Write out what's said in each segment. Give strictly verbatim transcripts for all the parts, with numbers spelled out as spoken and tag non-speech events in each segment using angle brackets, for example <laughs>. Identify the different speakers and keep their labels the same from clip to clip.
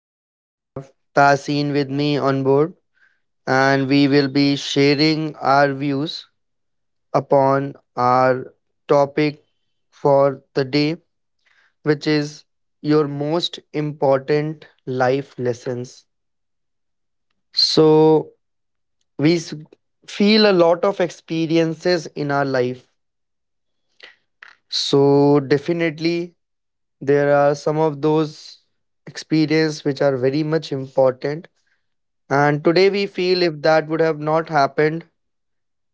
Speaker 1: To have Tasin with me on board, and we will be sharing our views upon our topic for the day, which is your most important life lessons. So, we s- feel a lot of experiences in our life. So, definitely, there are some of those experiences which are very much important. And today we feel if that would have not happened,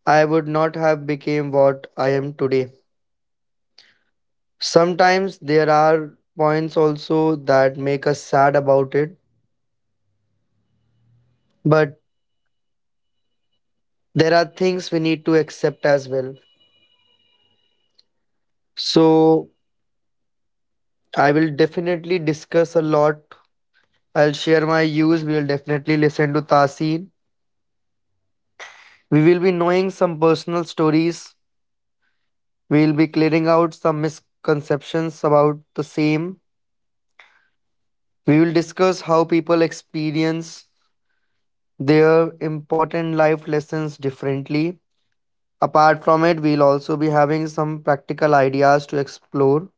Speaker 1: I would not have became what I am today. Sometimes there are points also that make us sad about it, but there are things we need to accept as well. So I will definitely discuss a lot. I'll share my views. We will definitely listen to Tasin. We will be knowing some personal stories. We will be clearing out some misconceptions about the same. We will discuss how people experience their important life lessons differently. Apart from it, we'll also be having some practical ideas to explore.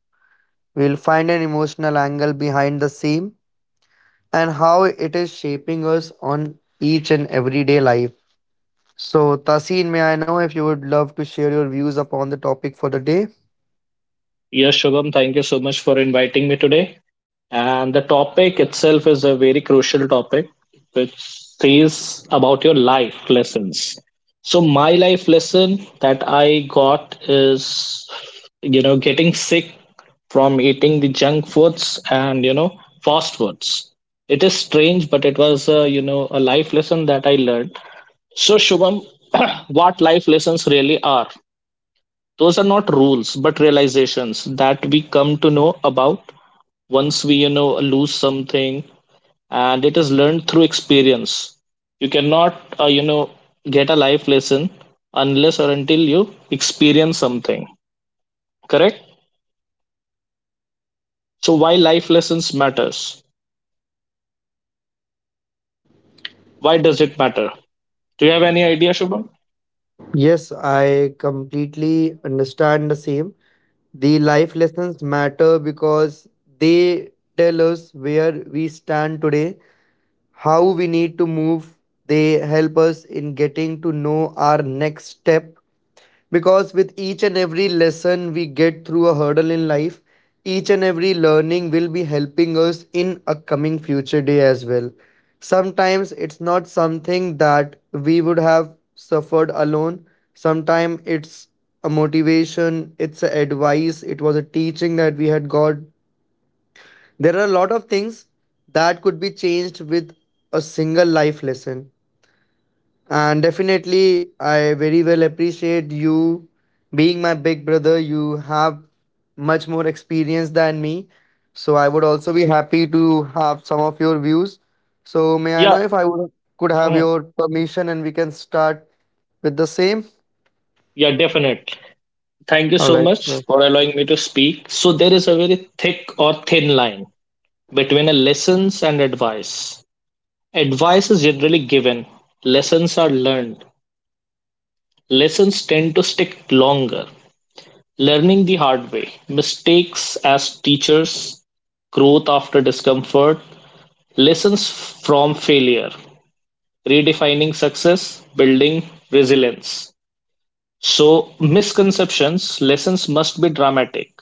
Speaker 1: We'll find an emotional angle behind the same and how it is shaping us on each and everyday life. So, Tasin, may I know if you would love to share your views upon the topic for the day?
Speaker 2: Yes, Shubham, thank you so much for inviting me today. And the topic itself is a very crucial topic, which says about your life lessons. So, my life lesson that I got is, you know, getting sick from eating the junk foods and, you know, fast foods. It is strange, but it was, a, you know, a life lesson that I learned. So, Shubham, <clears throat> what life lessons really are? Those are not rules, but realizations that we come to know about once we, you know, lose something, and it is learned through experience. You cannot, uh, you know, get a life lesson unless or until you experience something. Correct. So why life lessons matters? Why does it matter? Do you have any idea, Shubham?
Speaker 1: Yes, I completely understand the same. The life lessons matter because they tell us where we stand today, how we need to move. They help us in getting to know our next step, because with each and every lesson we get through a hurdle in life, each and every learning will be helping us in a coming future day as well. Sometimes it's not something that we would have suffered alone. Sometimes it's a motivation, it's a advice, it was a teaching that we had got. There are a lot of things that could be changed with a single life lesson. And definitely, I very well appreciate you being my big brother. You have much more experience than me. So I would also be happy to have some of your views. So may I know
Speaker 2: Yeah.
Speaker 1: if I would, could have
Speaker 2: Mhm.
Speaker 1: your permission and we can start with the same?
Speaker 2: Yeah, definite. Thank you
Speaker 1: All
Speaker 2: so
Speaker 1: right.
Speaker 2: much
Speaker 1: So.
Speaker 2: for allowing me to speak. So there is a very thick or thin line between a lessons and advice. Advice is generally given, lessons are learned. Lessons tend to stick longer. Learning the hard way, mistakes as teachers, growth after discomfort, lessons from failure, redefining success, building resilience. So, misconceptions, lessons must be dramatic.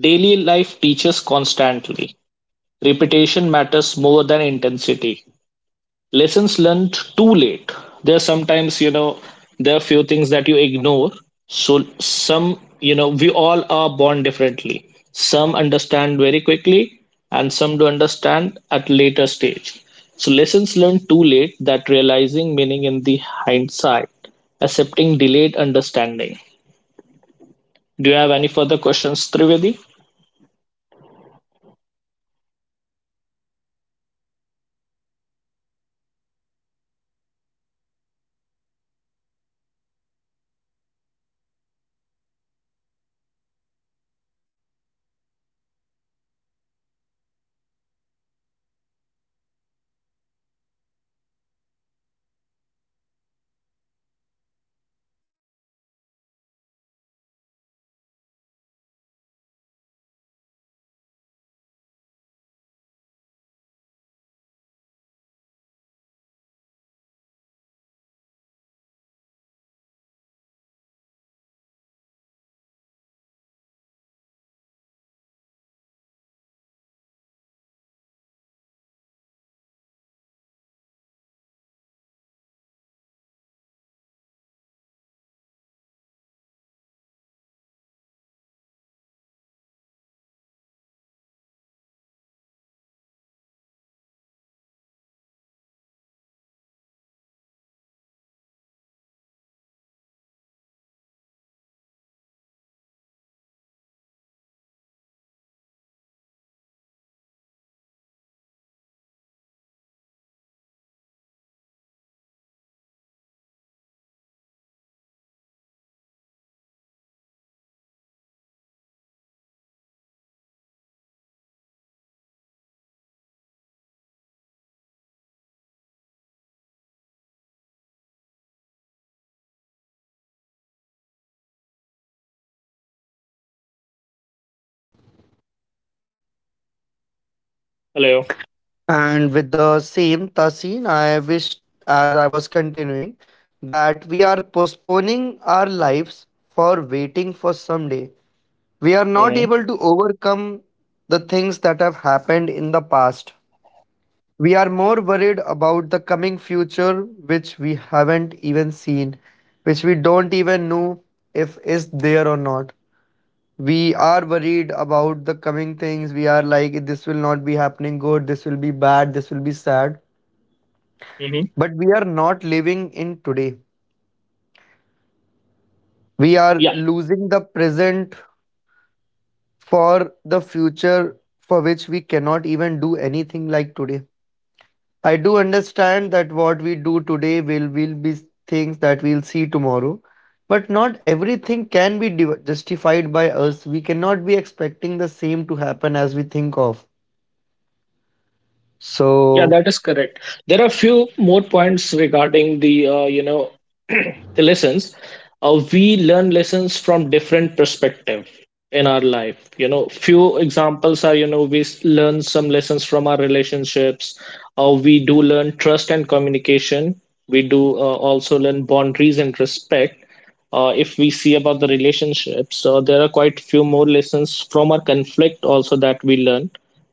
Speaker 2: Daily life teaches constantly. Repetition matters more than intensity. Lessons learned too late. There are sometimes, you know, there are few things that you ignore. So some, you know, we all are born differently. Some understand very quickly and some do understand at later stage. So lessons learned too late that realizing meaning in the hindsight, accepting delayed understanding. Do you have any further questions, Trivedi?
Speaker 1: No, I do not, Tasin. You can go ahead. May I know, Tasin, if I'm audible? All right, so as I can see, there's some technical issue. No issues. So, joining my points, I just wish to say that life is happening now. We are postponing living while waiting for some day. So, you'll find this very deep, because what has already happened, we cannot do anything for it. But yes, definitely today, in which we are living, we have a lot that we can achieve.
Speaker 2: Hello.
Speaker 1: And with the same, Tasin, I wish, as I was continuing, that we are postponing our lives for waiting for someday. We are not
Speaker 2: Mm-hmm.
Speaker 1: able to overcome the things that have happened in the past. We are more worried about the coming future, which we haven't even seen, which we don't even know if is there or not. We are worried about the coming things. We are like, this will not be happening good, this will be bad, this will be sad.
Speaker 2: Mm-hmm.
Speaker 1: But we are not living in today. We are
Speaker 2: Yeah,
Speaker 1: losing the present for the future for which we cannot even do anything like today. I do understand that what we do today will, will be things that we'll see tomorrow, but not everything can be div- justified by us. We cannot be expecting the same to happen as we think of.
Speaker 2: yeah,
Speaker 1: So,
Speaker 2: that is correct. There are few more points regarding the uh, you know <clears throat> the lessons, uh, we learn lessons from different perspective in our life. You know few examples are, you know we s- learn some lessons from our relationships, or we do learn trust and communication. We do uh, also learn boundaries and respect. Uh, if we see about the relationships, so there are quite few more lessons from our conflict also that we learn,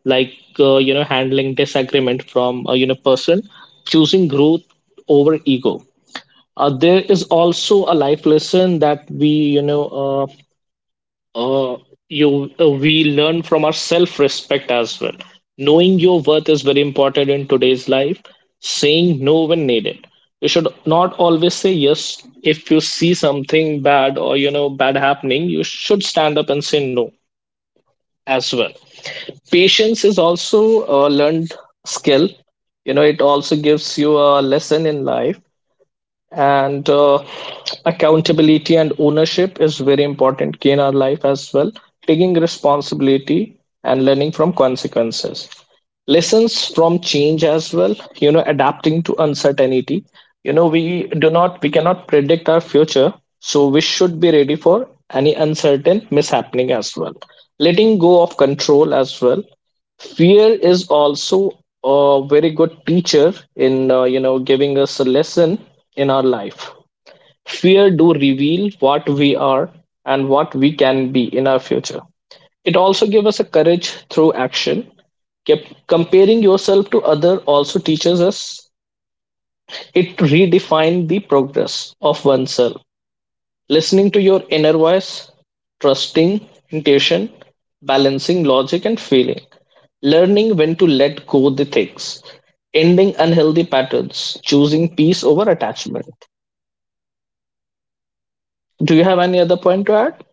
Speaker 2: like, uh, you know handling disagreement from a, you know person, choosing growth over ego. Uh, there is also a life lesson that we, you know, uh, uh, you uh, we learn from our self-respect as well. Knowing your worth is very important in today's life. Saying no when needed. You should not always say yes if you see something bad or, you know bad happening. You should stand up and say no as well. Patience is also a learned skill. You know, it also gives you a lesson in life, and uh, accountability and ownership is very important in our life as well, taking responsibility and learning from consequences. Lessons from change as well, you know, adapting to uncertainty. You know, we do not we cannot predict our future, so we should be ready for any uncertain mishappening as well, letting go of control as well. Fear is also a very good teacher in, uh, you know giving us a lesson in our life. Fear do reveal what we are and what we can be in our future. It also gives us a courage through action. Kept comparing yourself to other also teaches us. It redefines the progress of oneself. Listening to your inner voice, trusting intuition, balancing logic and feeling, learning when to let go the things, ending unhealthy patterns, choosing peace over attachment. Do you have any other point to add?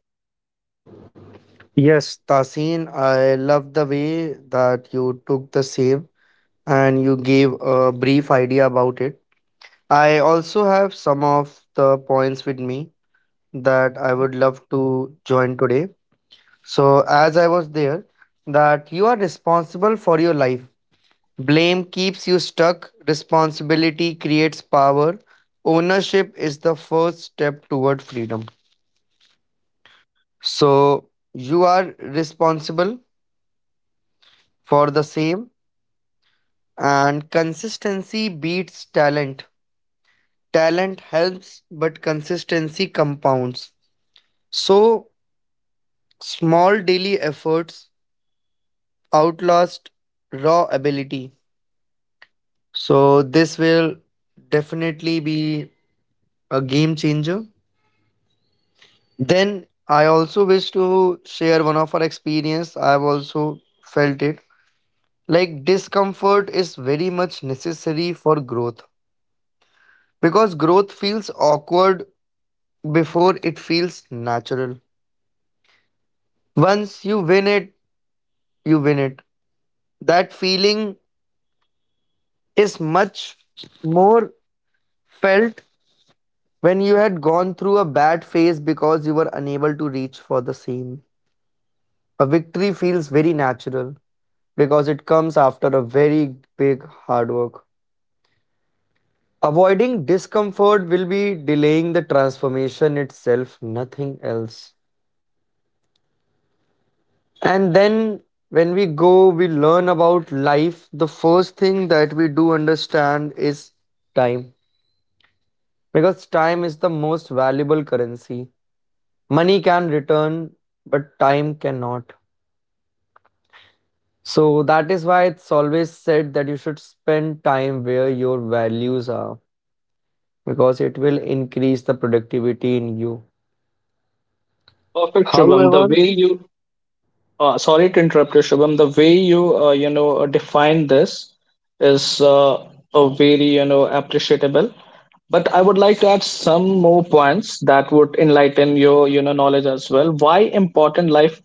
Speaker 1: yes, Tasin, I love the way that you took the save and you gave a brief idea about it. I also have some of the points with me that I would love to join today. So, as I was there, that you are responsible for your life. Blame keeps you stuck, responsibility creates power. Ownership is the first step toward freedom. So, you are responsible for the same. And consistency beats talent. Talent helps, but consistency compounds. So, small daily efforts outlast raw ability. So, this will definitely be a game changer. Then, I also wish to share one of our experience. I've also felt it. Like, discomfort is very much necessary for growth because growth feels awkward before it feels natural. Once you win it, you win it. That feeling is much more felt when you had gone through a bad phase because you were unable to reach for the same. A victory feels very natural because it comes after a very big hard work. Avoiding discomfort will be delaying the transformation itself, nothing else. And then when we go, we learn about life. The first thing that we do understand is time. Because time is the most valuable currency. Money can return, but time cannot. So that is why it's always said that you should spend time where your values are, because it will increase the productivity in you.
Speaker 2: Perfect, Shubham. The
Speaker 1: However,
Speaker 2: way you— Uh, sorry to interrupt you, Shubham. The way you, uh, you know uh, define this is, uh, a very, you know appreciable. But I would like to add some more points that would enlighten your, you know knowledge as well. Why important life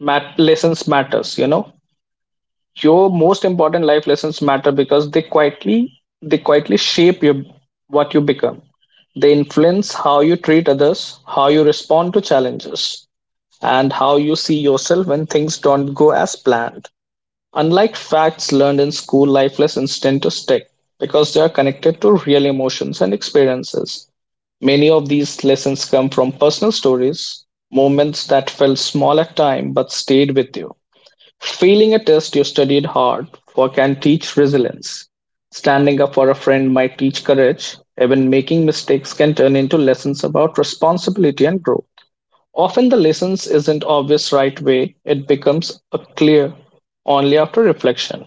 Speaker 2: mat- lessons matters. You know, your most important life lessons matter because they quietly they quietly shape your, what you become. They influence how you treat others, how you respond to challenges, and how you see yourself when things don't go as planned. Unlike facts learned in school, life lessons tend to stick because they are connected to real emotions and experiences. Many of these lessons come from personal stories, moments that felt small at time but stayed with you. Failing a test you studied hard for can teach resilience. Standing up for a friend might teach courage. Even making mistakes can turn into lessons about responsibility and growth. Often the lessons isn't obvious right away, it becomes a clear only after reflection.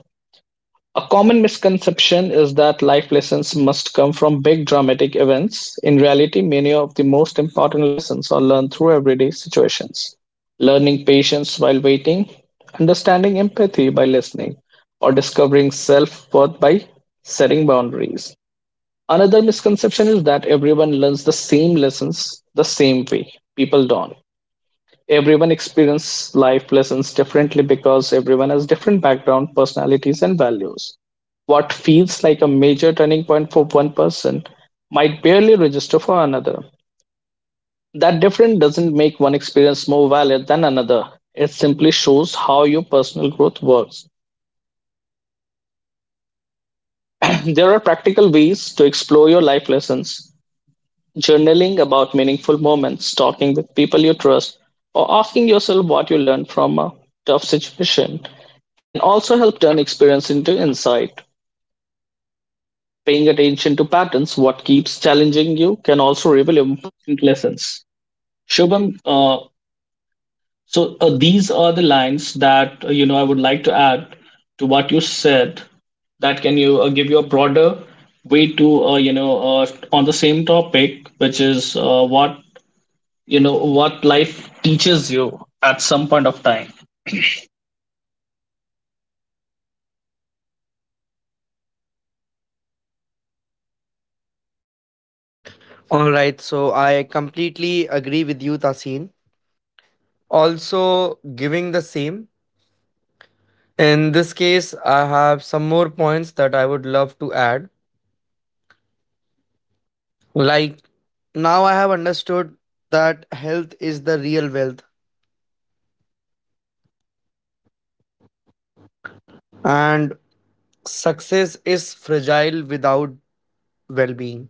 Speaker 2: A common misconception is that life lessons must come from big dramatic events. In reality, many of the most important lessons are learned through everyday situations. Learning patience while waiting, understanding empathy by listening, or discovering self worth by setting boundaries. Another misconception is that everyone learns the same lessons the same way. People don't— everyone experiences life lessons differently because everyone has different background, personalities, and values. What feels like a major turning point for one person might barely register for another. That difference doesn't make one experience more valid than another. It simply shows how your personal growth works. <clears throat> There are practical ways to explore your life lessons. Journaling about meaningful moments, talking with people you trust, or asking yourself what you learned from a tough situation can also help turn experience into insight. Paying attention to patterns, what keeps challenging you, can also reveal important lessons. Shubham, uh, so uh, these are the lines that, uh, you know I would like to add to what you said. That can you, uh, give you a broader way to, uh, you know uh, on the same topic, which is, uh, what, you know what life teaches you at some point of time.
Speaker 1: all right, so I completely agree with you, Tasin. Also, giving the same. In this case, I have some more points that I would love to add. Like now, I have understood that health is the real wealth, and success is fragile without well being.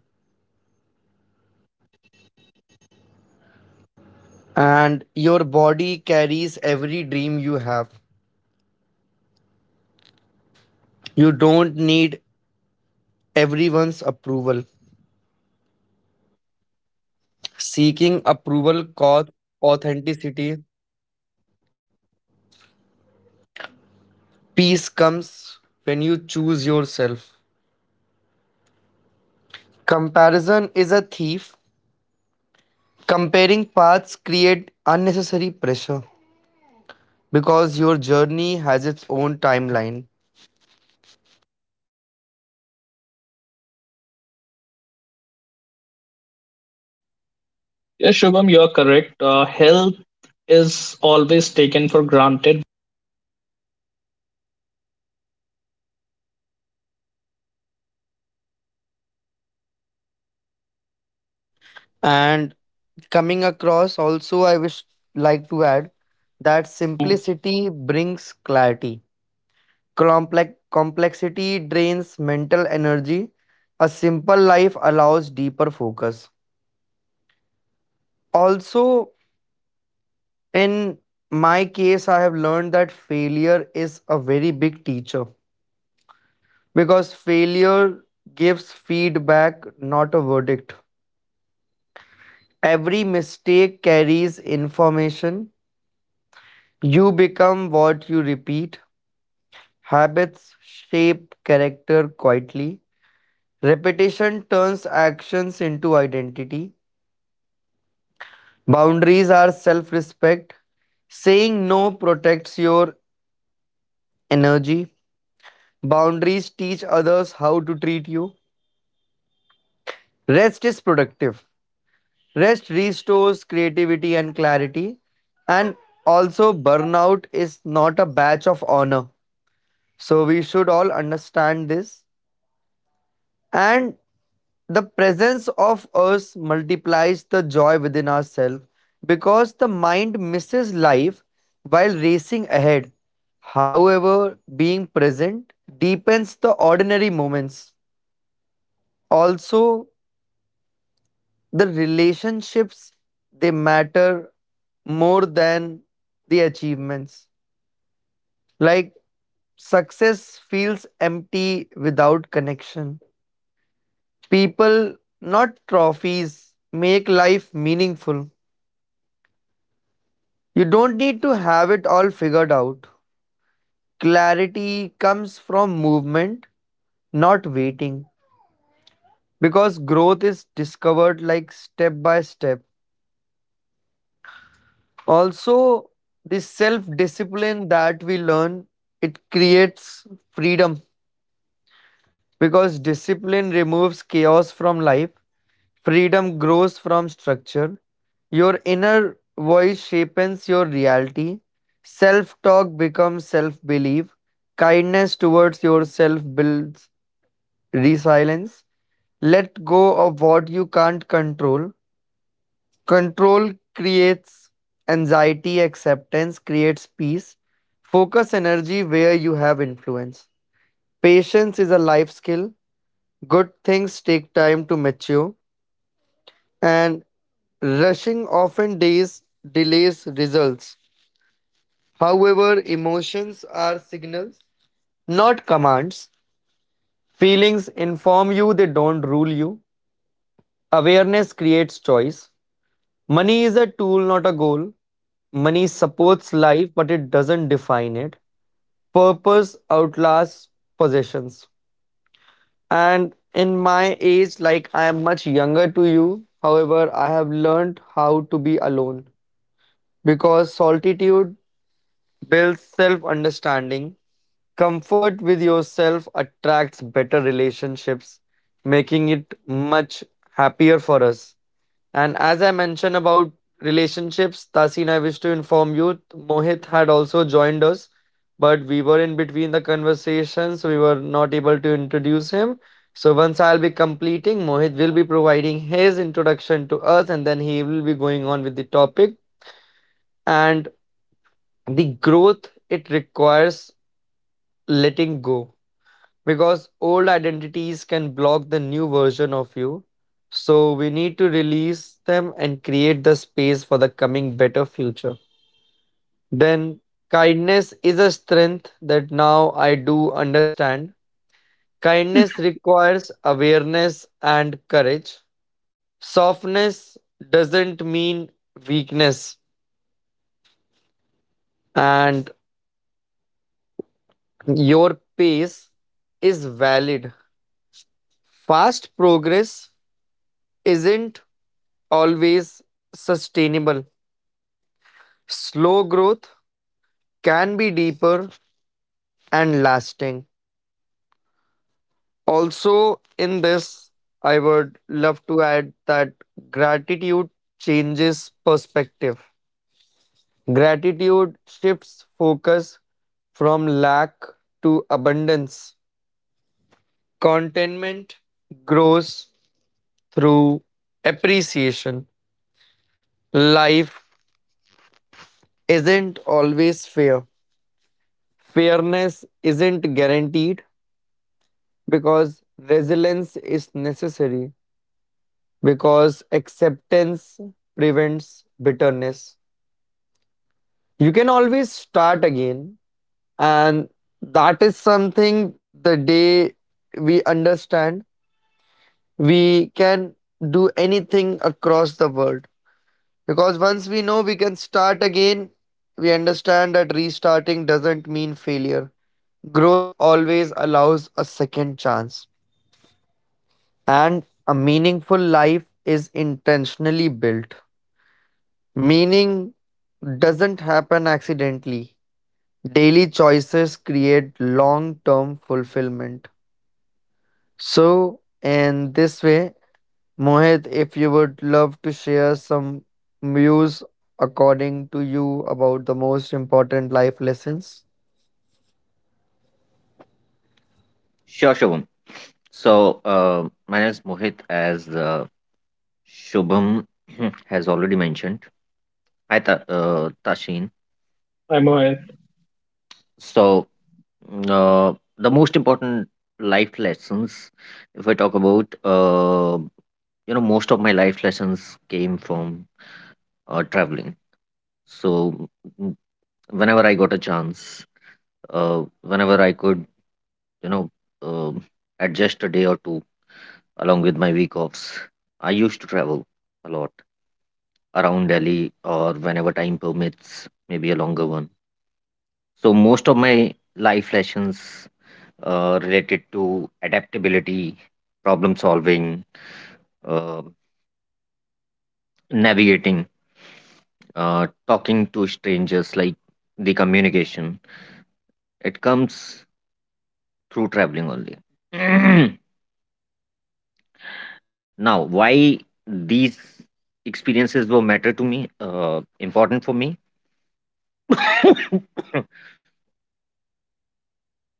Speaker 1: And your body carries every dream you have. You don't need everyone's approval. Seeking approval costs authenticity. Peace comes when you choose yourself. Comparison is a thief. Comparing paths create unnecessary pressure, because your journey has its own timeline.
Speaker 2: Yes, Shubham, you're correct. Uh, health is always taken for granted.
Speaker 1: And coming across also, I wish like to add that simplicity brings clarity. Complex complexity drains mental energy. A simple life allows deeper focus. Also, in my case, I have learned that failure is a very big teacher, because failure gives feedback, not a verdict. Every mistake carries information. You become what you repeat. Habits shape character quietly. Repetition turns actions into identity. Boundaries are self respect. Saying no protects your energy. Boundaries teach others how to treat you. Rest is productive. Rest restores creativity and clarity. And also, burnout is not a badge of honor. So we should all understand this. And the presence of us multiplies the joy within ourselves, because the mind misses life while racing ahead. However, being present deepens the ordinary moments. Also, the relationships, they matter more than the achievements. Like success feels empty without connection. People, not trophies, make life meaningful. You don't need to have it all figured out. Clarity comes from movement, not waiting, because growth is discovered like step by step. Also, this self discipline that we learn, it creates freedom, because discipline removes chaos from life. Freedom grows from structure. Your inner voice shapes your reality. Self talk becomes self belief. Kindness towards yourself builds resilience. Let go of what you can't control. Control creates anxiety, acceptance creates peace. Focus energy where you have influence. Patience is a life skill. Good things take time to mature, and rushing often days delays results. However, emotions are signals, not commands. Feelings inform you, they don't rule you. Awareness creates choice. Money is a tool, not a goal. Money supports life, but it doesn't define it. Purpose outlasts possessions. And in my age, like I am much younger to you, however, I have learned how to be alone, because solitude builds self understanding. Comfort with yourself attracts better relationships, making it much happier for us. And as I mentioned about relationships, Tasin, I wish to inform you, Mohit had also joined us, but we were in between the conversation, so we were not able to introduce him. So once I'll be completing, Mohit will be providing his introduction to us, and then he will be going on with the topic. And the growth, it requires letting go, because old identities can block the new version of you. So we need to release them and create the space for the coming better future. Then, kindness is a strength that now I do understand. Kindness requires awareness and courage. Softness doesn't mean weakness, and your pace is valid. Fast progress isn't always sustainable. Slow growth can be deeper and lasting. Also, in this, I would love to add that gratitude changes perspective. Gratitude shifts focus from lack to abundance. Contentment grows through appreciation. Life isn't always fair, fairness isn't guaranteed, because resilience is necessary, because acceptance prevents bitterness. You can always start again, and that is something the day we understand, we can do anything across the world, because once we know we can start again, we understand that restarting doesn't mean failure. Growth always allows a second chance. And a meaningful life is intentionally built. Meaning doesn't happen accidentally. Daily choices create long term fulfillment. So, in this way, Mohit, if you would love to share some views according to you about the most important life lessons.
Speaker 3: Sure, Shubham. So, uh, my name is Mohit, as uh, Shubham <clears throat> has already mentioned. Hi, Ta- uh, Tashin.
Speaker 2: Hi, Mohit.
Speaker 3: So, uh, the most important life lessons, if I talk about, uh, you know, most of my life lessons came from uh, traveling. So, mm, whenever I got a chance, uh, whenever I could, you know, um adjust a day or two along with my week offs. I used to travel a lot around Delhi or whenever time permits, maybe a longer one. So most of my life lessons uh, related to adaptability, problem solving, uh, navigating, uh, talking to strangers, like the communication. It comes through traveling only. <clears throat> Now, why these experiences were matter to me, uh, important for me? <laughs> <coughs>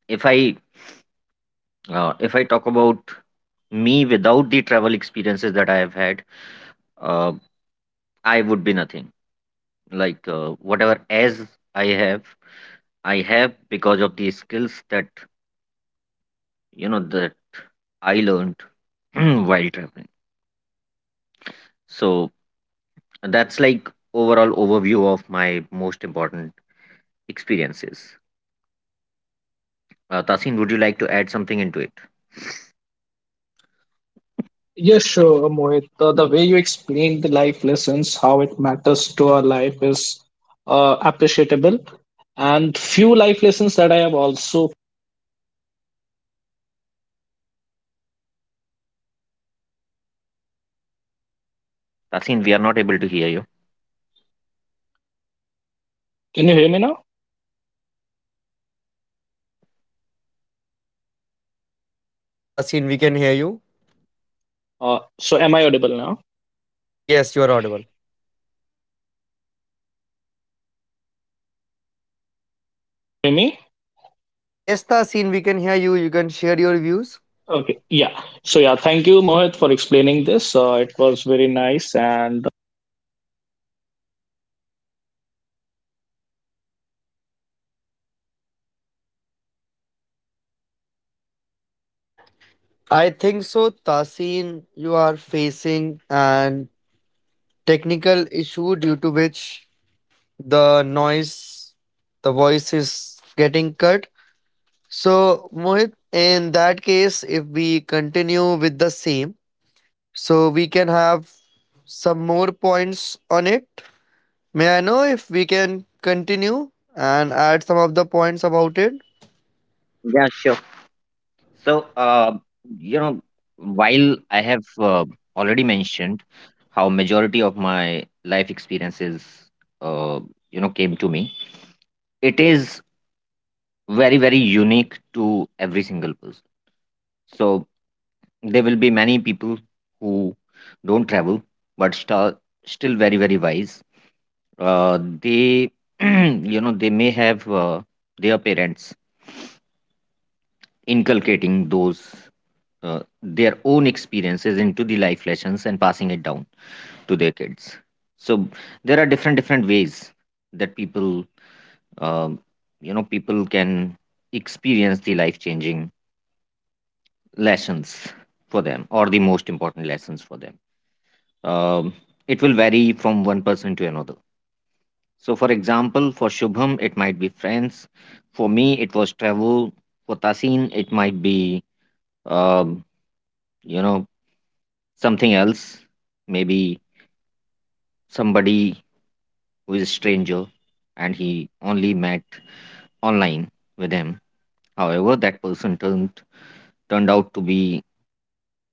Speaker 3: if I uh, if I talk about me without the travel experiences that I have had, uh, I would be nothing. Like uh, whatever as I have, I have because of the skills that you know that I learned <clears throat> while traveling. So that's like overall overview of my most important experiences. Uh, Tasin, would you like to add something into it?
Speaker 2: Yes, sure, Mohit. The, the way you explain the life lessons, how it matters to our life is, uh, appreciable. And few life lessons that I have also.
Speaker 3: Tasin, we are not able to hear you.
Speaker 2: Can you hear me now?
Speaker 3: Yep.
Speaker 1: Yes, Tasin, we can hear you.
Speaker 2: Uh, so, am I audible now?
Speaker 1: Yes, you are audible.
Speaker 2: Hear me?
Speaker 1: Yes, Tasin, we can hear you. You can share your views.
Speaker 2: Okay. Yeah. So, yeah. Thank you, Mohit, for explaining this. Uh, it was very nice, and—
Speaker 1: I think so, Tasin. You are facing an technical issue due to which the noise, the voice is getting cut. So, Mohit, in that case, if we continue with the same, so we can have some more points on it. May I know if we can continue and add some of the points about it?
Speaker 3: Yeah, sure. So, uh, you know, while I have uh, already mentioned how majority of my life experiences, uh, you know, came to me, it is very, very unique to every single person. So there will be many people who don't travel, but st- still very, very wise. Uh, they, <clears throat> you know, they may have uh, their parents inculcating those uh, their own experiences into the life lessons and passing it down to their kids, so there are different different ways that people um, you know people can experience the life changing lessons for them or the most important lessons for them. um, it will vary from one person to another. So, for example, for Shubham it might be friends, for me it was travel, for Tasin it might be um, you know something else, maybe somebody who is a stranger and he only met online with him. However, that person turned turned out to be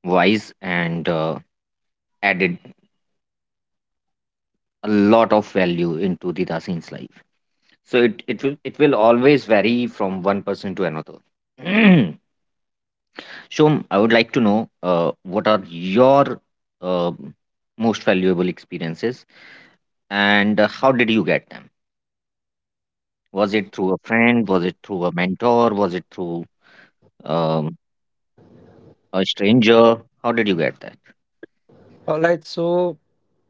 Speaker 3: wise and uh, added a lot of value into the Singh's life. So it, it will it will always vary from one person to another. <clears throat> Shom, I would like to know uh, what are your uh, most valuable experiences and uh, how did you get them? Was it through a friend? Was it through a mentor? Was it through um, A stranger? How did you get that?
Speaker 1: All right, so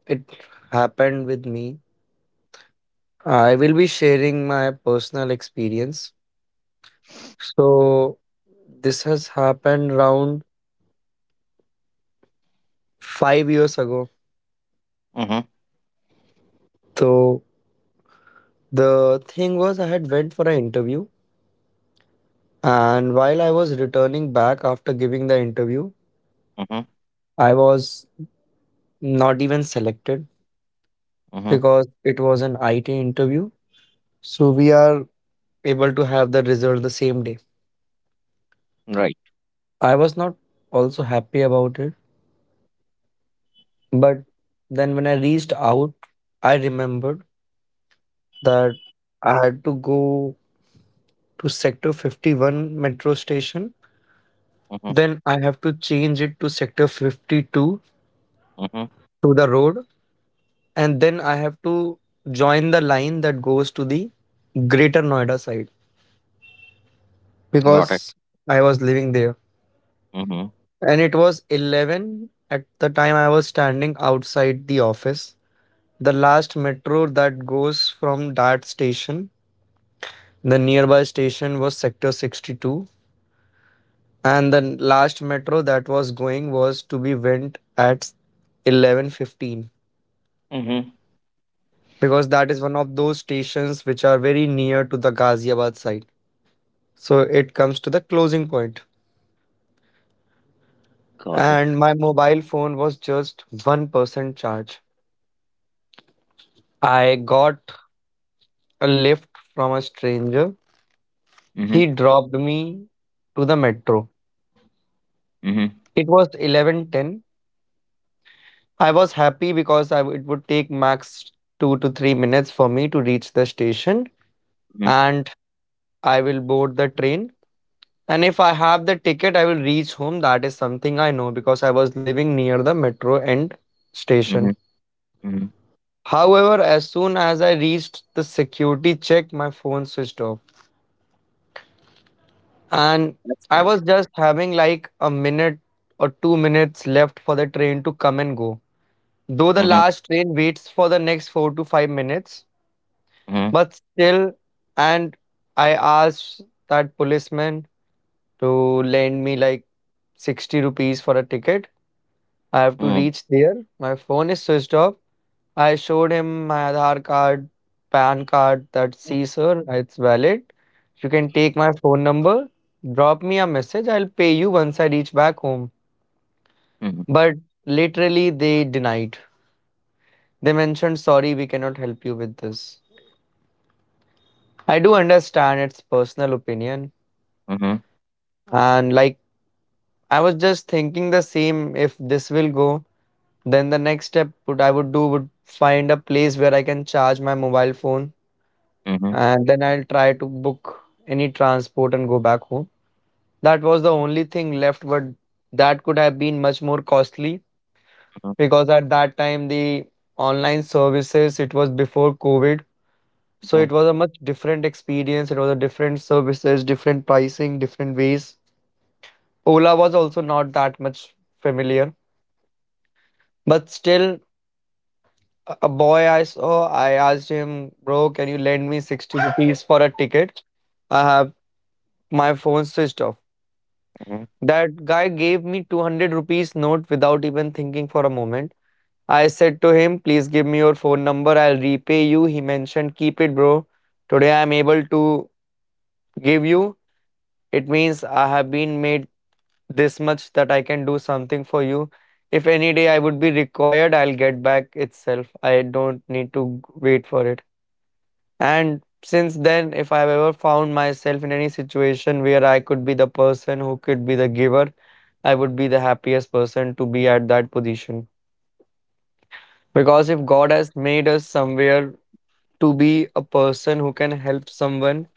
Speaker 1: it happened with me. I will be sharing my personal experience. So this has happened around five years ago.
Speaker 3: Mm-hmm.
Speaker 1: So the thing was I had went for an interview, and while I was returning back after giving the interview,
Speaker 3: Mm-hmm.
Speaker 1: I was not even selected
Speaker 3: Mm-hmm.
Speaker 1: because it was an I T interview. So we are able to have the result the same day.
Speaker 3: Right.
Speaker 1: I was not also happy about it, but then when I reached out, I remembered that I had to go to sector fifty-one metro station.
Speaker 3: Mm-hmm.
Speaker 1: Then I have to change it to sector fifty-two
Speaker 3: Mm-hmm.
Speaker 1: to the road, and then I have to join the line that goes to the greater Noida side
Speaker 3: Got it.
Speaker 1: because I was living there.
Speaker 3: Mm-hmm.
Speaker 1: And it was eleven at the time I was standing outside the office. The last metro that goes from that station, the nearby station was sector sixty-two, and the last metro that was going was to be went at eleven fifteen
Speaker 3: Mm-hmm.
Speaker 1: because that is one of those stations which are very near to the Ghaziabad side. So it comes to the closing point.
Speaker 3: Got it.
Speaker 1: And my mobile phone was just one percent charge. I got a lift from a stranger.
Speaker 3: Mm-hmm.
Speaker 1: He dropped me to the metro.
Speaker 3: Mm-hmm.
Speaker 1: It was eleven ten. I was happy because I, it would take max two to three minutes for me to reach the station
Speaker 3: Mm-hmm.
Speaker 1: and I will board the train. And if I have the ticket, I will reach home. That is something I know because I was living near the metro end
Speaker 3: Mm-hmm.
Speaker 1: station.
Speaker 3: Mm-hmm.
Speaker 1: However, as soon as I reached the security check, my phone switched off. And
Speaker 3: That's
Speaker 1: I
Speaker 3: right.
Speaker 1: was just having like a minute or two minutes left for the train to come and go. Though the
Speaker 3: Mhm,
Speaker 1: last train waits for the next four to five minutes,
Speaker 3: mhm,
Speaker 1: but still, and I asked that policeman to lend me like sixty rupees for a ticket. I have to
Speaker 3: mhm,
Speaker 1: reach there. My phone is switched off. I showed him my Aadhaar card, PAN card that, see, sir, it's valid. You can take my phone number, drop me a message. I'll pay you once I reach back home.
Speaker 3: mhm,
Speaker 1: But literally, they denied. They mentioned, sorry, we cannot help you with this. I do understand it's personal opinion.
Speaker 3: mhm,
Speaker 1: And like, I was just thinking the same, if this will go then the next step would I would do would find a place where I can charge my mobile phone
Speaker 3: mhm,
Speaker 1: and then I'll try to book any transport and go back home. That was the only thing left, but that could have been much more costly
Speaker 3: mhm,
Speaker 1: because at that time the online services, it was before COVID, so
Speaker 3: mhm,
Speaker 1: it was a much different experience. It was a different services, different pricing, different ways. Ola was also not that much familiar, but still. A a boy I saw, I asked him, bro, can you lend me sixty rupees for a ticket? I have my phone switched off.
Speaker 3: mhm.
Speaker 1: That guy gave me two hundred rupees note without even thinking for a moment. I said to him, please give me your phone number, I'll repay you. He mentioned, keep it, bro. Today I'm able to give you. It means I have been made this much that I can do something for you. If any day I would be required, I'll get back itself. I don't need to wait for it. And since then, if I've ever found myself in any situation where I could be the person who could be the giver, I would be the happiest person to be at that position. Because if God has made us somewhere to be a person who can help someone,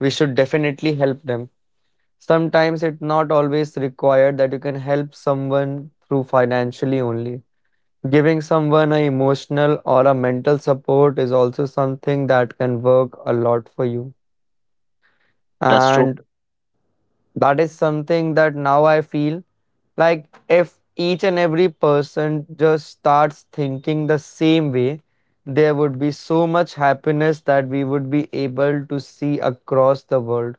Speaker 1: we should definitely help them. Sometimes it's not always required that you can help someone through financially only. Giving someone an emotional or a mental support is also something that can work a lot for you.
Speaker 3: That's true.
Speaker 1: And that is something that now I feel like if each and every person just starts thinking the same way, there would be so much happiness that we would be able to see across the world.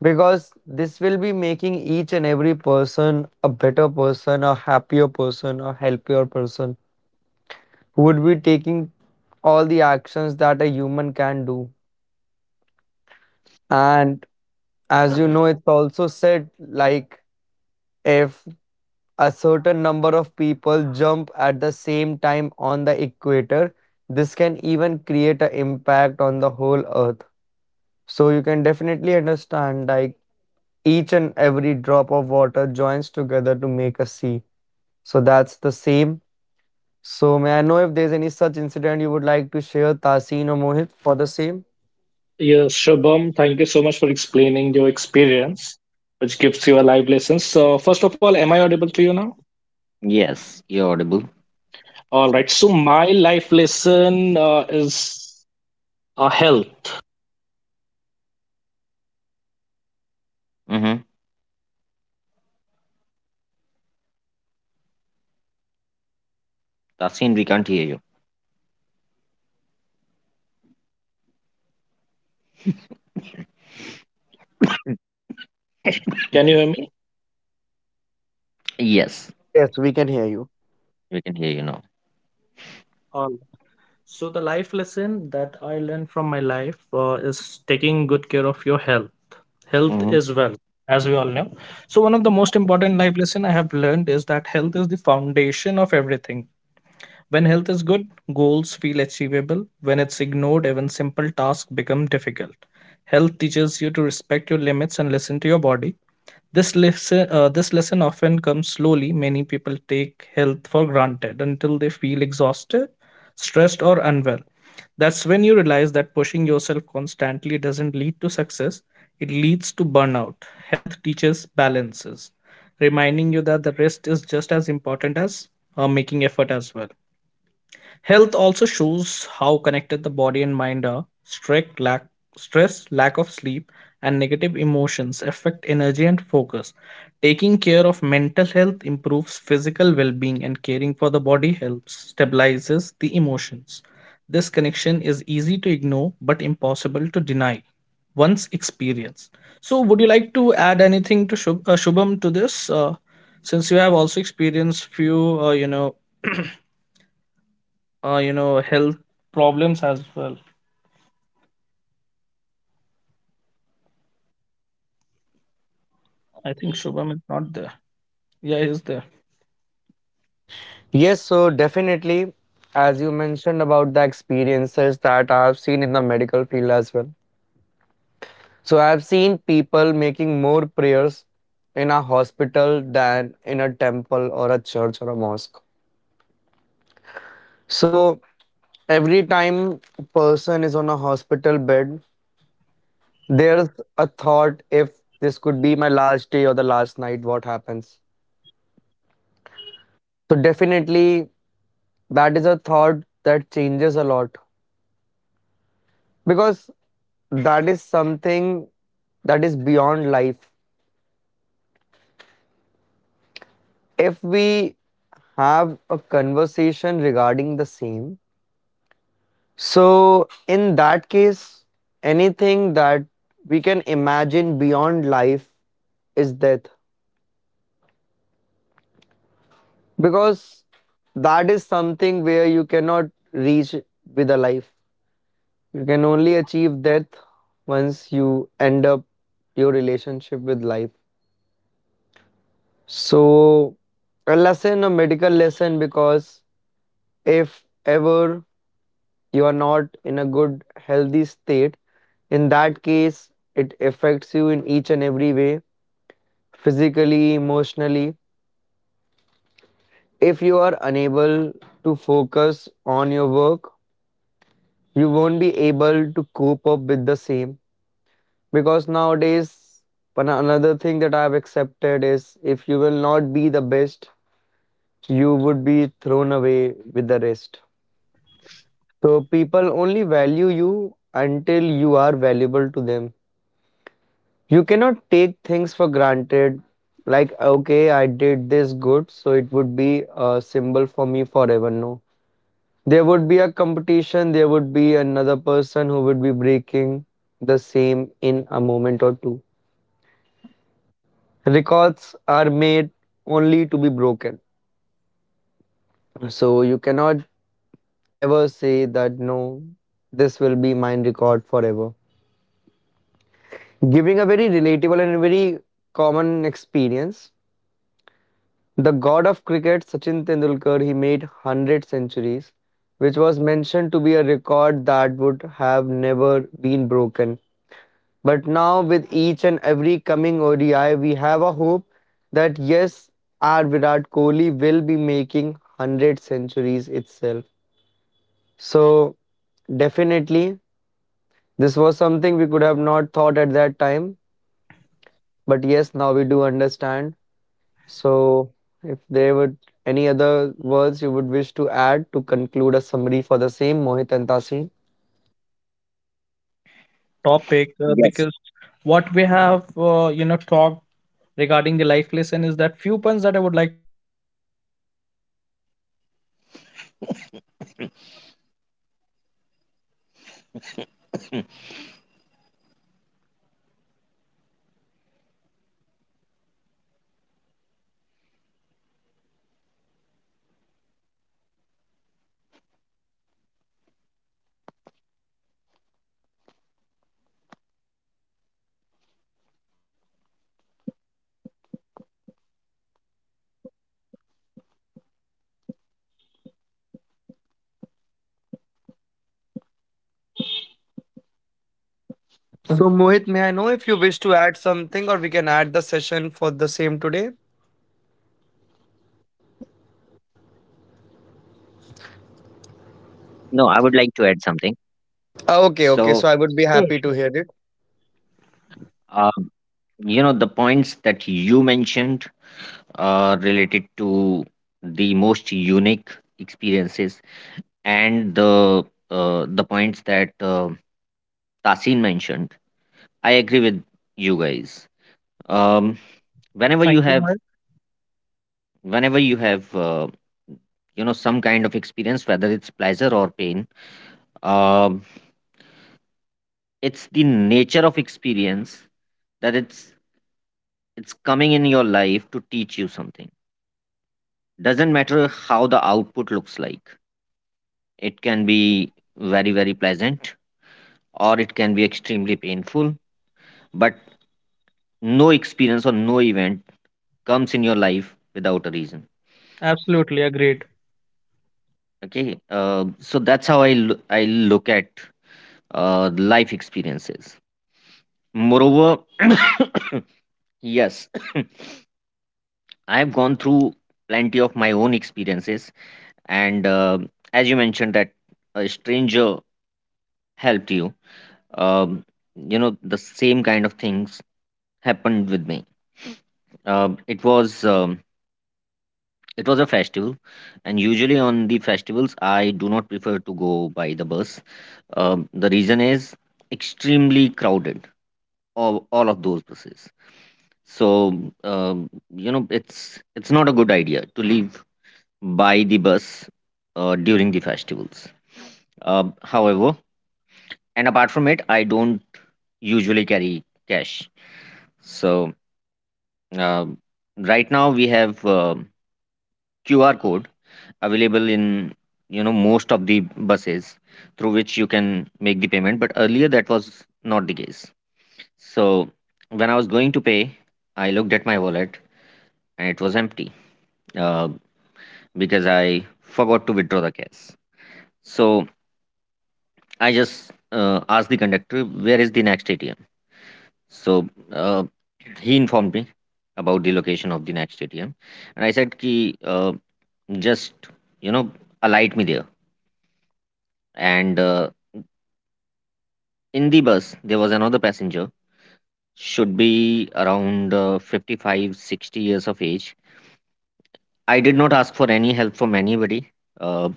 Speaker 1: Because this will be making each and every person a better person, a happier person, a healthier person who would be taking all the actions that a human can do. And as you know, it's also said like if a certain number of people jump at the same time on the equator, this can even create an impact on the whole earth. So you can definitely understand, like each and every drop of water joins together to make a sea. So that's the same. So may I know if there's any such incident you would like to share, Tasin or Mohit, for the same?
Speaker 2: Yes, Shubham, thank you so much for explaining your experience, which gives you a life lesson. So, first of all, am I audible to you now?
Speaker 3: Yes, you're audible.
Speaker 2: All right.
Speaker 3: Tasin.
Speaker 2: So, my life lesson, uh, is, uh, health.
Speaker 3: Mm-hmm. Tasin, we can't hear you.
Speaker 2: Can you hear me?
Speaker 3: Yes.
Speaker 1: Yes, we can hear you.
Speaker 3: We can hear you now.
Speaker 2: All right. So, the life lesson that I learned from my life, uh, is taking good care of your health. Health
Speaker 3: Mm-hmm.
Speaker 2: is wealth, as we all know. So, one of the most important life lesson I have learned is that health is the foundation of everything. When health is good, goals feel achievable. When it's ignored, even simple tasks become difficult. Health teaches you to respect your limits and listen to your body. This lesson, uh, this lesson often comes slowly. Many people take health for granted until they feel exhausted, stressed, or unwell. That's when you realize that pushing yourself constantly doesn't lead to success, it leads to burnout. Health teaches balances, reminding you that the rest is just as important as, uh, making effort as well. Health also shows how connected the body and mind are. Strict lack, stress, lack of sleep, and negative emotions affect energy and focus. Taking care of mental health improves physical well being, and caring for the body helps stabilizes the emotions. This connection is easy to ignore but impossible to deny once experienced. So, would you like to add anything to Shub- uh, Shubham to this? Uh, since you have also experienced few, uh, you know, <clears throat> uh, you know, health problems as well. I think Shubham is not there. Yeah, he is there.
Speaker 1: Yes, so definitely, as you mentioned about the experiences that I've seen in the medical field as well. So I've seen people making more prayers in a hospital than in a temple or a church or a mosque. So every time a person is on a hospital bed, there's a thought, if this could be my last day or the last night, what happens? So definitely that is a thought that changes a lot because that is something that is beyond life. If we have a conversation regarding the same, so, in that case, anything that we can imagine beyond life is death because that is something where you cannot reach with a life. You can only achieve death once you end up your relationship with life. So, a lesson, a medical lesson, because if ever you are not in a good, healthy state, in that case, it affects you in each and every way, physically, emotionally. If you are unable to focus on your work, you won't be able to cope up with the same. Because nowadays, another thing that I have accepted is if you will not be the best, you would be thrown away with the rest. So people only value you until you are valuable to them. You cannot take things for granted like, okay, I did this good so it would be a symbol for me forever. No, there would be a competition, there would be another person who would be breaking the same in a moment or two. Records are made only to be broken. So you cannot ever say that no, this will be my record forever. Giving a very relatable and very common experience. The god of cricket, Sachin Tendulkar, he made one hundred centuries, which was mentioned to be a record that would have never been broken. But now, with each and every coming O D I, we have a hope that yes, our Virat Kohli will be making one hundred centuries itself. So, definitely, this was something we could have not thought at that time. But yes, now we do understand. So, if there were any other words you would wish to add to conclude a summary for the same, Mohit and Tasin.
Speaker 2: Topic, uh, because
Speaker 3: Yes.
Speaker 2: what we have, uh, you know, talked regarding the life lesson is that few points that I would like.
Speaker 1: So, Mohit, may I know if you wish to add something or we can add the session for the same today?
Speaker 3: No, I would like to add something.
Speaker 1: Oh, okay, okay. So
Speaker 3: So,
Speaker 1: I would be happy to hear it.
Speaker 3: um, you know, the points that you mentioned uh, related to the most unique experiences and the uh, the points that uh, Tasin mentioned. I agree with you guys. Um, whenever you
Speaker 2: Thank you, Mohit.
Speaker 3: have whenever you have uh, you know some kind of experience whether it's pleasure or pain, um, it's the nature of experience that it's it's coming in your life to teach you something, doesn't matter how the output looks like. It can be very, very pleasant or it can be extremely painful, but no experience or no event comes in your life without a reason.
Speaker 2: Absolutely agreed.
Speaker 3: Okay. Uh, so that's how I, lo- I look at uh, life experiences. Moreover, <coughs> yes, <coughs> I have gone through plenty of my own experiences, and uh, as you mentioned that a stranger helped you, um, you know the same kind of things happened with me. Uh, it was um, It was a festival, and usually on the festivals, I do not prefer to go by the bus. Um, the reason is extremely crowded, all, all of those buses. So um, you know, it's it's not a good idea to leave by the bus uh, during the festivals. Um however, and apart from it, I don't usually carry cash. So um right now we have um Q R code available in you know most of the buses through which you can make the payment, but earlier that was not the case. So when I was going to pay, I looked at my wallet and it was empty, uh, because I forgot to withdraw the cash. So I just uh, asked the conductor where is the next A T M. So uh, he informed me about the location of the next A T M, and I said ki, uh, just you know alight me there. And uh, in the bus, there was another passenger, should be around uh, fifty-five sixty years of age. I did not ask for any help from anybody. Uh,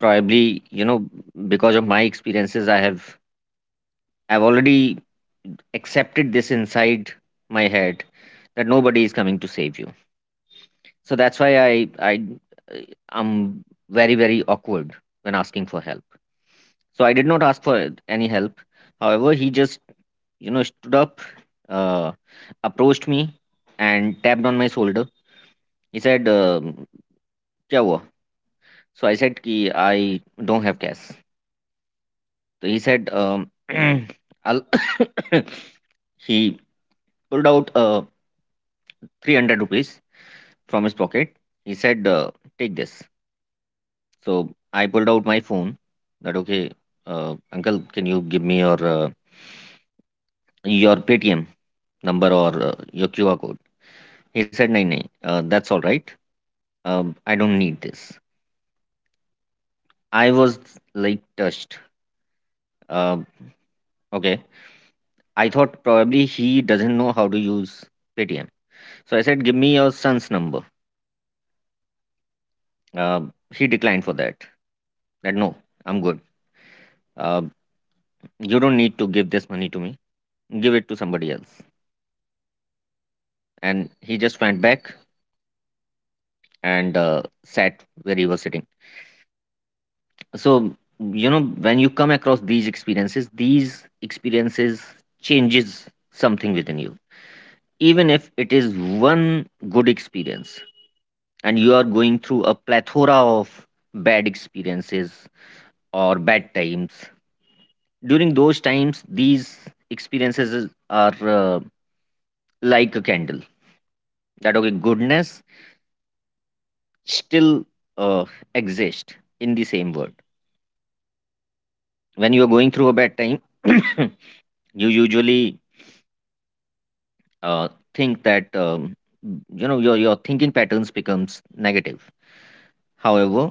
Speaker 3: probably, you know, because of my experiences, I have I've already accepted this inside my head that nobody is coming to save you. So that's why I I uh, I'm very very awkward when asking for help. So I did not ask for any help. However, he just you know, stood up, uh, approached me, and tapped on my shoulder. He said, um "क्या हुआ?" So I said, "कि I don't have cash." So he said, um, <clears throat> "I'll." <coughs> He pulled out uh, three hundred rupees from his pocket. He said, uh, "Take this." So I pulled out my phone. That okay, uh, uncle, can you give me your uh, your Paytm number or uh, your Q R code? He said, "No, no, uh, that's all right." Um, I don't need this. I was like touched. Um, okay. I thought probably he doesn't know how to use Paytm. So I said, give me your son's number. Um, he declined for that. That no, I'm good. Um, you don't need to give this money to me. Give it to somebody else. And he just went back and uh, sat where he was sitting. So you know when you come across these experiences, these experiences changes something within you, even if it is one good experience and you are going through a plethora of bad experiences or bad times, during those times these experiences is- are uh, like a candle, that okay goodness still uh, exist in the same word. When you are going through a bad time, <coughs> <clears throat> you usually uh, think that um, you know your your thinking patterns becomes negative. However,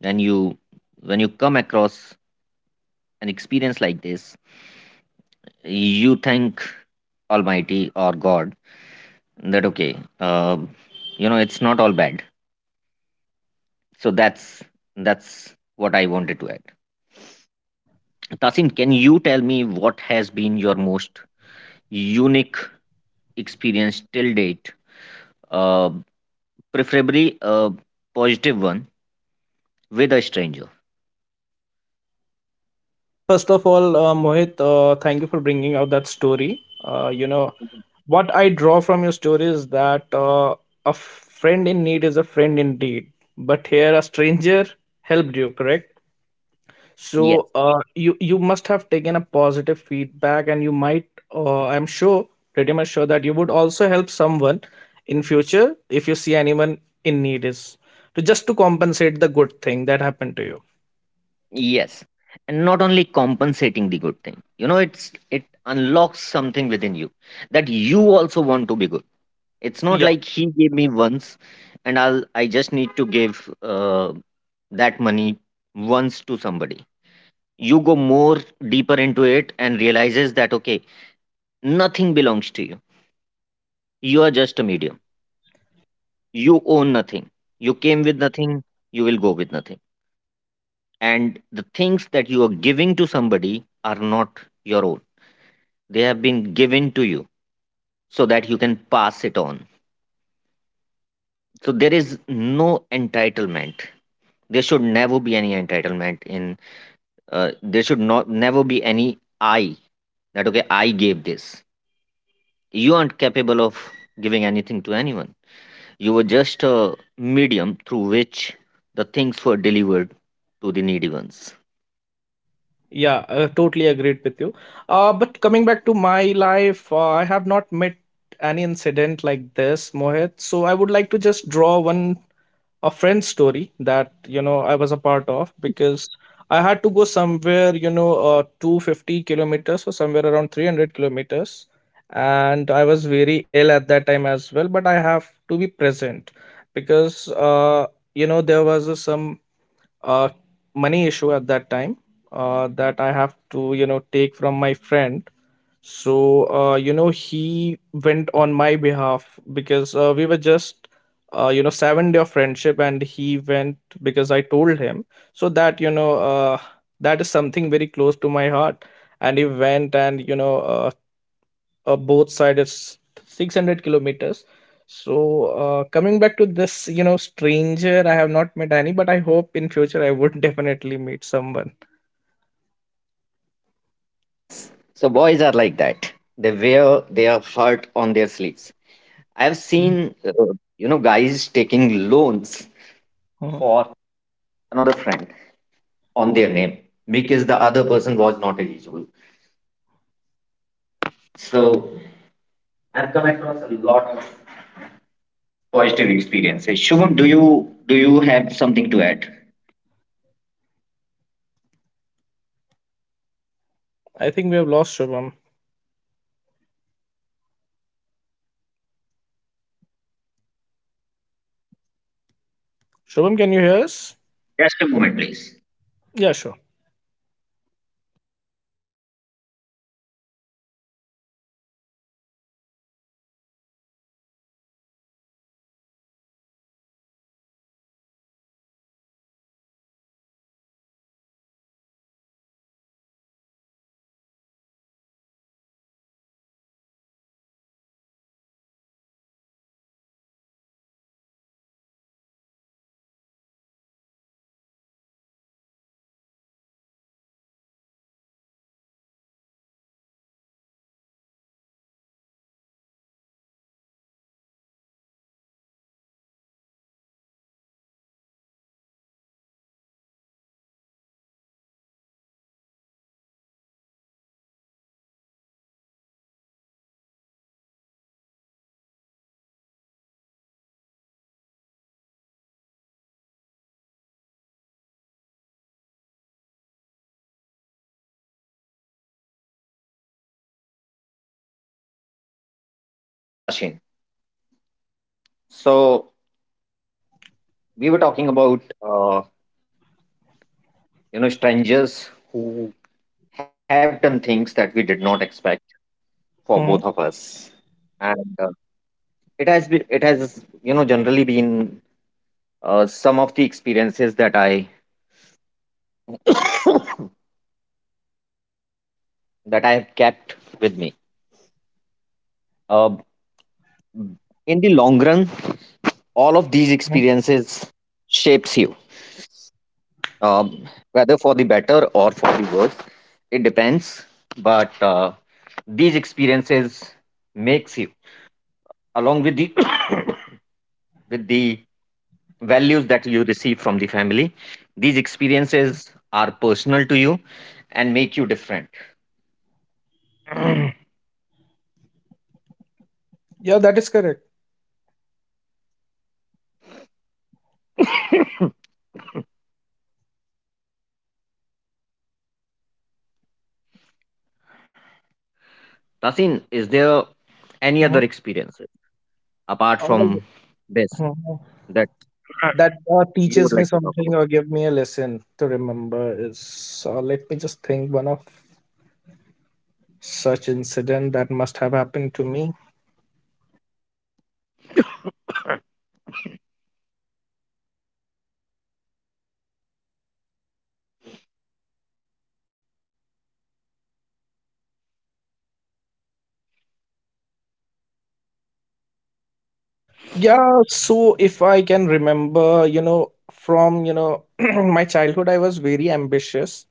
Speaker 3: when you when you come across an experience like this, you thank Almighty or God that okay, uh, you know, it's not all bad. So that's that's what I wanted to add. Tasim, can you tell me what has been your most unique experience till date? Uh, preferably a positive one with a stranger.
Speaker 2: Well, first of all, uh, Mohit, uh, thank you for bringing out that story. Uh, you know, what I draw from your story is that, uh, a friend in need is a friend indeed. But here, a stranger helped you, correct? So,
Speaker 3: Yes,
Speaker 2: uh, you you must have taken a positive feedback, and you might, uh, I'm sure, pretty much sure that you would also help someone in future if you see anyone in need is to just to compensate the good thing that happened to you.
Speaker 3: yes, and not only compensating the good thing. You know, it's it unlocks something within you that you also want to be good. It's not
Speaker 2: Yeah,
Speaker 3: like he gave me once, and I'll I just need to give uh, that money once to somebody. You go more deeper into it and realizes that okay, nothing belongs to you. You are just a medium. You own
Speaker 2: uh,
Speaker 3: nothing. You came with nothing. You will go with nothing. And the things that you are giving to somebody are not your own. They have been given to you so that you can pass it on. So there is no entitlement. There should never be any entitlement in uh, there should not never be any I that okay I gave this. You aren't capable of giving anything to anyone. You were just a medium through which the things were delivered to the needy ones.
Speaker 2: yeah, uh, totally agreed with you. Uh, but coming back to my life, uh, I have not met any incident like this, Mohit. So I would like to just draw one, a friend's story that you know I was a part of, because I had to go somewhere, you know, uh, two hundred fifty kilometers or somewhere around three hundred kilometers, and I was very ill at that time as well, but I have to be present because, uh, you know, there was a some, uh, money issue at that time, uh, that I have to, you know, take from my friend. So uh, you know he went on my behalf because uh, we were just uh, you know seven day of friendship, and he went because I told him. So that you know uh, that is something very close to my heart. And he went, and you know uh, uh, both sides is six hundred kilometers. So uh, coming back to this, you know stranger, I have not met any, but I hope in future I would <laughs> definitely meet someone.
Speaker 3: Yes, so boys are like that, they wear their heart on their sleeves. I have seen
Speaker 2: Mhm.
Speaker 3: uh, you know guys taking loans
Speaker 2: Mhm.
Speaker 3: for another friend on their name because the other person was not eligible. So I've come across a lot of positive experiences. Shubham, do you do you have something to add?
Speaker 2: I think we have lost Shubham. Shubham, can you hear
Speaker 3: Just
Speaker 2: us?
Speaker 3: a, just a moment, please.
Speaker 2: Yeah, sure.
Speaker 3: Yes, Tashin. So we were talking about uh, you know strangers who have done things that we did not expect for both of
Speaker 2: Mhm.
Speaker 3: us, and uh, it has been it has you know generally been uh, some of the experiences that I <coughs> that I have kept with me. Uh, in the long run, all of these
Speaker 2: Mhm.
Speaker 3: experiences shapes you. Um, whether for the better or for the worse, it depends. But uh, these experiences makes you, along with the <coughs> with the values that you receive from the family, these experiences are personal to you and make you different.
Speaker 2: Yeah, that is correct.
Speaker 3: Tasin, is there any other
Speaker 2: Mhm.
Speaker 3: experiences apart
Speaker 2: All the-
Speaker 3: from this
Speaker 2: Mhm.
Speaker 3: that
Speaker 2: that uh,
Speaker 3: you
Speaker 2: teaches
Speaker 3: would
Speaker 2: me
Speaker 3: like to talk
Speaker 2: something
Speaker 3: about?
Speaker 2: or give me a lesson to remember is, uh, let me just think, one of such incident that must have happened to me. Yeah, so if I can remember, you know, from, you know, <clears throat> my childhood, I was very ambitious.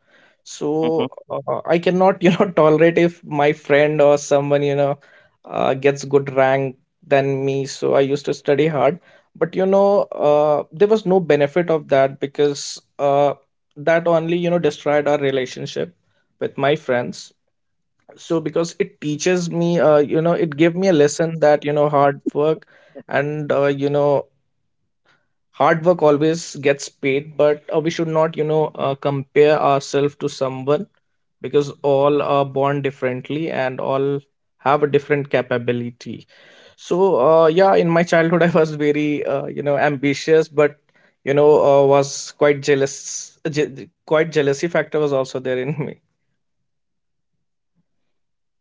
Speaker 3: Mhm.
Speaker 2: So uh, I cannot, you know, <laughs> tolerate if my friend or someone, you know, uh, gets good rank than me. So I used to study hard. But, you know, uh, there was no benefit of that, because uh, that only, you know, destroyed our relationship with my friends. So, because it teaches me, uh, you know it gave me a lesson that, you know hard work, and uh, you know hard work always gets paid, but uh, we should not, you know uh, compare ourselves to someone, because all are born differently and all have a different capability. So uh, yeah, in my childhood <laughs> I was very uh, you know ambitious, but you know uh, was quite jealous, je- quite jealousy factor was also there in me.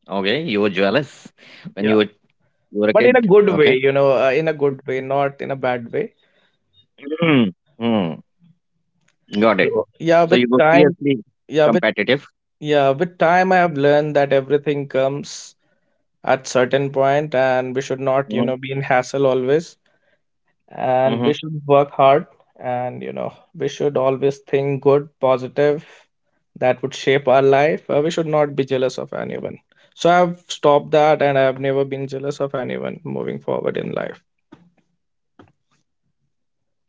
Speaker 3: Okay, you were jealous when you were you were a
Speaker 2: But in
Speaker 3: kid.
Speaker 2: a good way,
Speaker 3: Okay.
Speaker 2: you know uh, in a good way, not in a bad way.
Speaker 3: <clears throat> Hmm. Got it.
Speaker 2: So, yeah,
Speaker 3: So
Speaker 2: with
Speaker 3: you were
Speaker 2: time
Speaker 3: fiercely
Speaker 2: yeah with
Speaker 3: competitive.
Speaker 2: yeah with time I have learned that everything comes at certain point, and we should not, you know
Speaker 3: Mhm,
Speaker 2: be in hassle always, and we
Speaker 3: mhm.
Speaker 2: should work hard, and you know we should always think good, positive, that would shape our life. Uh, we should not be jealous of anyone, so I've stopped that and I've never been jealous of anyone moving forward in life.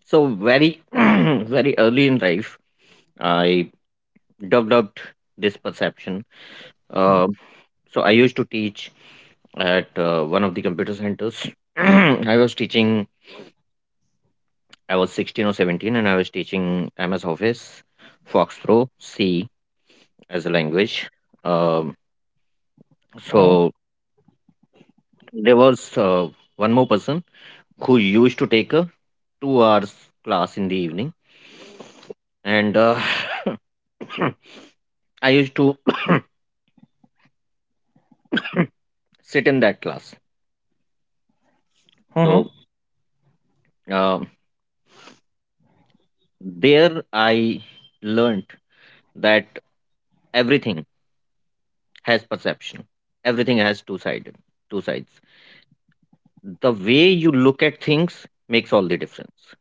Speaker 3: So very, <clears throat> very early in life, I developed this perception. Uh, so I used to teach at uh, one of the computer centers. <clears throat> I was teaching. I was sixteen or seventeen, and I was teaching M S Office, Fox Pro, C as a language. Um,
Speaker 2: Mm-hmm,
Speaker 3: so there was uh, one more person who used to take a two hours class in the evening and uh, <laughs> <coughs> I used to <coughs> sit in that class.
Speaker 2: mm-hmm,
Speaker 3: So um, there I learned that everything has perception. Everything has two sided, two sides. The way you look at things makes all the difference.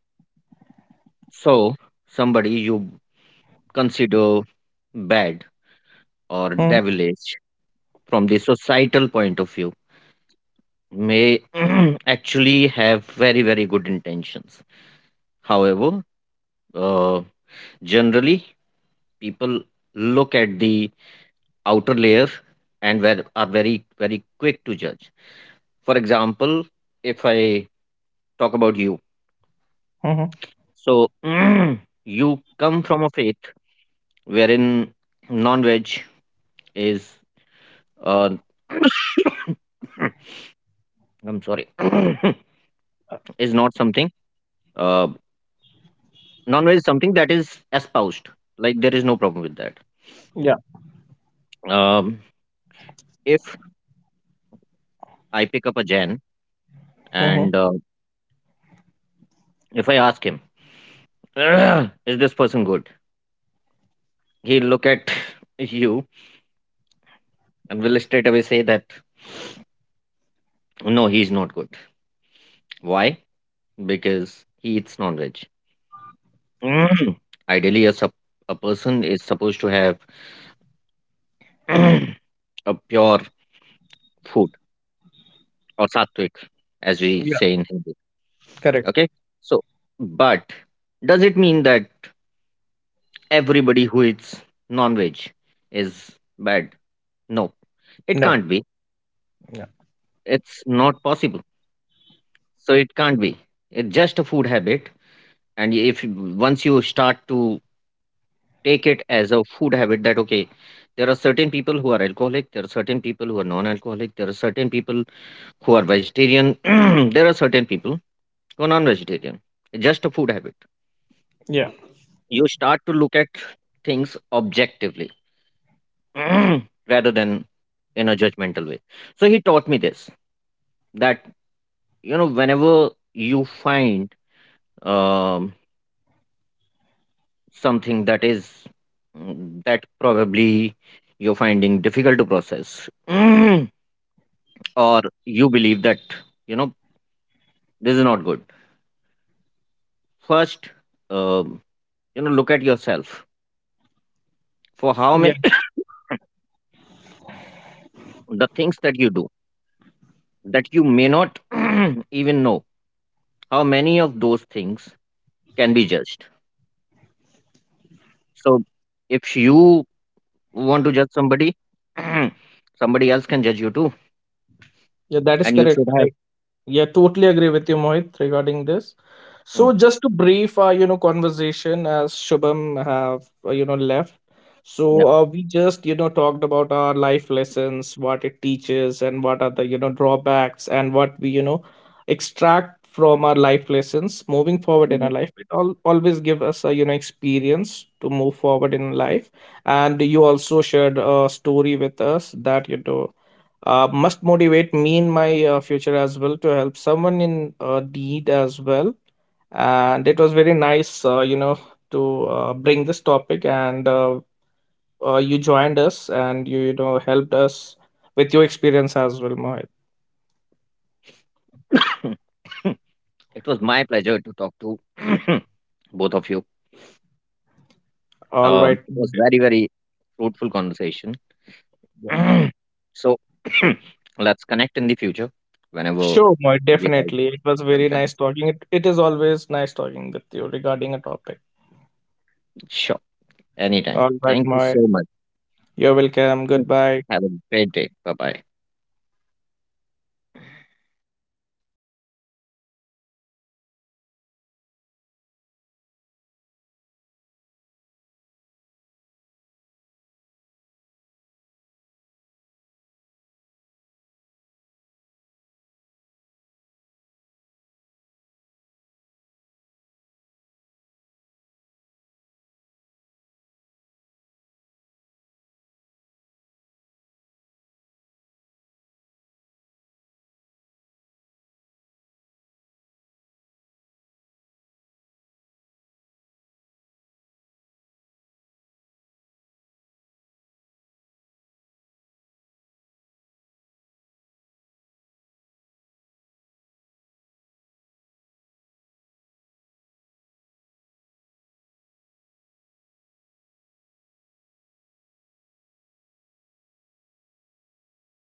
Speaker 3: So somebody you consider bad or devilish from the societal point of view may <coughs> <clears throat> actually have very very good intentions. However, uh, generally people look at the outer layer and ver- are very very quick to judge. For example, if I talk about you,
Speaker 2: mm-hmm.
Speaker 3: so <clears throat> you come from a faith wherein non-veg is uh, <coughs> I'm sorry <coughs> is not something uh, non-veg is something that is espoused, like there is no problem with that.
Speaker 2: Yeah.
Speaker 3: um, if I pick up a jan
Speaker 2: Mm-hmm.
Speaker 3: and uh, if I ask him <coughs> "Ugh, is this person good?" He'll look at you and will straight away say that no, he's not good. Why? Because he eats non veg. Ideally, a, sup- a person is supposed to have <clears throat> a pure food or sattvic, as we say in Hindi.
Speaker 2: Correct.
Speaker 3: Okay. So, but does it mean that everybody who eats non veg is bad? No, it
Speaker 2: No.
Speaker 3: can't be.
Speaker 2: Yeah.
Speaker 3: It's not possible. So, it can't be. It's just a food habit. And if once you start to take it as a food habit that okay, there are certain people who are alcoholic, there are certain people who are non-alcoholic, there are certain people who are vegetarian, <clears throat> there are certain people who are non-vegetarian, just a food habit,
Speaker 2: Yeah.
Speaker 3: you start to look at things objectively <clears throat> rather than in a judgmental way. So he taught me this, that you know whenever you find um, something that is mm, that probably you're finding difficult to process, <clears throat> or you believe that you know this is not good, first, um, you know look at yourself for how
Speaker 2: Yeah.
Speaker 3: many <coughs> <clears throat> the things that you do that you may not <coughs> <clears throat> even know, how many of those things can be judged. So if you want to judge somebody, <coughs> <clears throat> somebody else can judge you too,
Speaker 2: Yeah. That is
Speaker 3: and you should
Speaker 2: correct.
Speaker 3: have
Speaker 2: I Yeah, totally agree with you, Mohit, regarding this.
Speaker 3: Mm,
Speaker 2: So, just to brief our, you know, conversation, as Shubham have, uh, you know, left. So
Speaker 3: yeah
Speaker 2: uh, we just, you know, talked about our life lessons, what it teaches, and what are the, you know, drawbacks, and what we, you know, extract from our life lessons moving forward in our life. It all always give us a, you know, experience to move forward in life. And you also shared a story with us that, you know, uh, must motivate me in my uh, future as well to help someone in uh, need as well. And it was very nice, uh, you know to uh, bring this topic, and uh, uh, you joined us, and you you know helped us with your experience as well, Mohit.
Speaker 3: Mm. <coughs> It was my pleasure to talk to <coughs> both of you.
Speaker 2: All
Speaker 3: um,
Speaker 2: right,
Speaker 3: it was
Speaker 2: Mohit.
Speaker 3: very very fruitful conversation.
Speaker 2: Yeah.
Speaker 3: <clears throat> So <clears throat> let's connect in the future whenever
Speaker 2: Sure, Mohit,
Speaker 3: we have
Speaker 2: definitely it was
Speaker 3: some
Speaker 2: very
Speaker 3: time.
Speaker 2: nice talking, it, it is always nice talking with you regarding a topic.
Speaker 3: Sure, anytime.
Speaker 2: All right,
Speaker 3: Thank you
Speaker 2: Mohit.
Speaker 3: so much.
Speaker 2: You're welcome. Goodbye.
Speaker 3: Have a great day. Bye bye.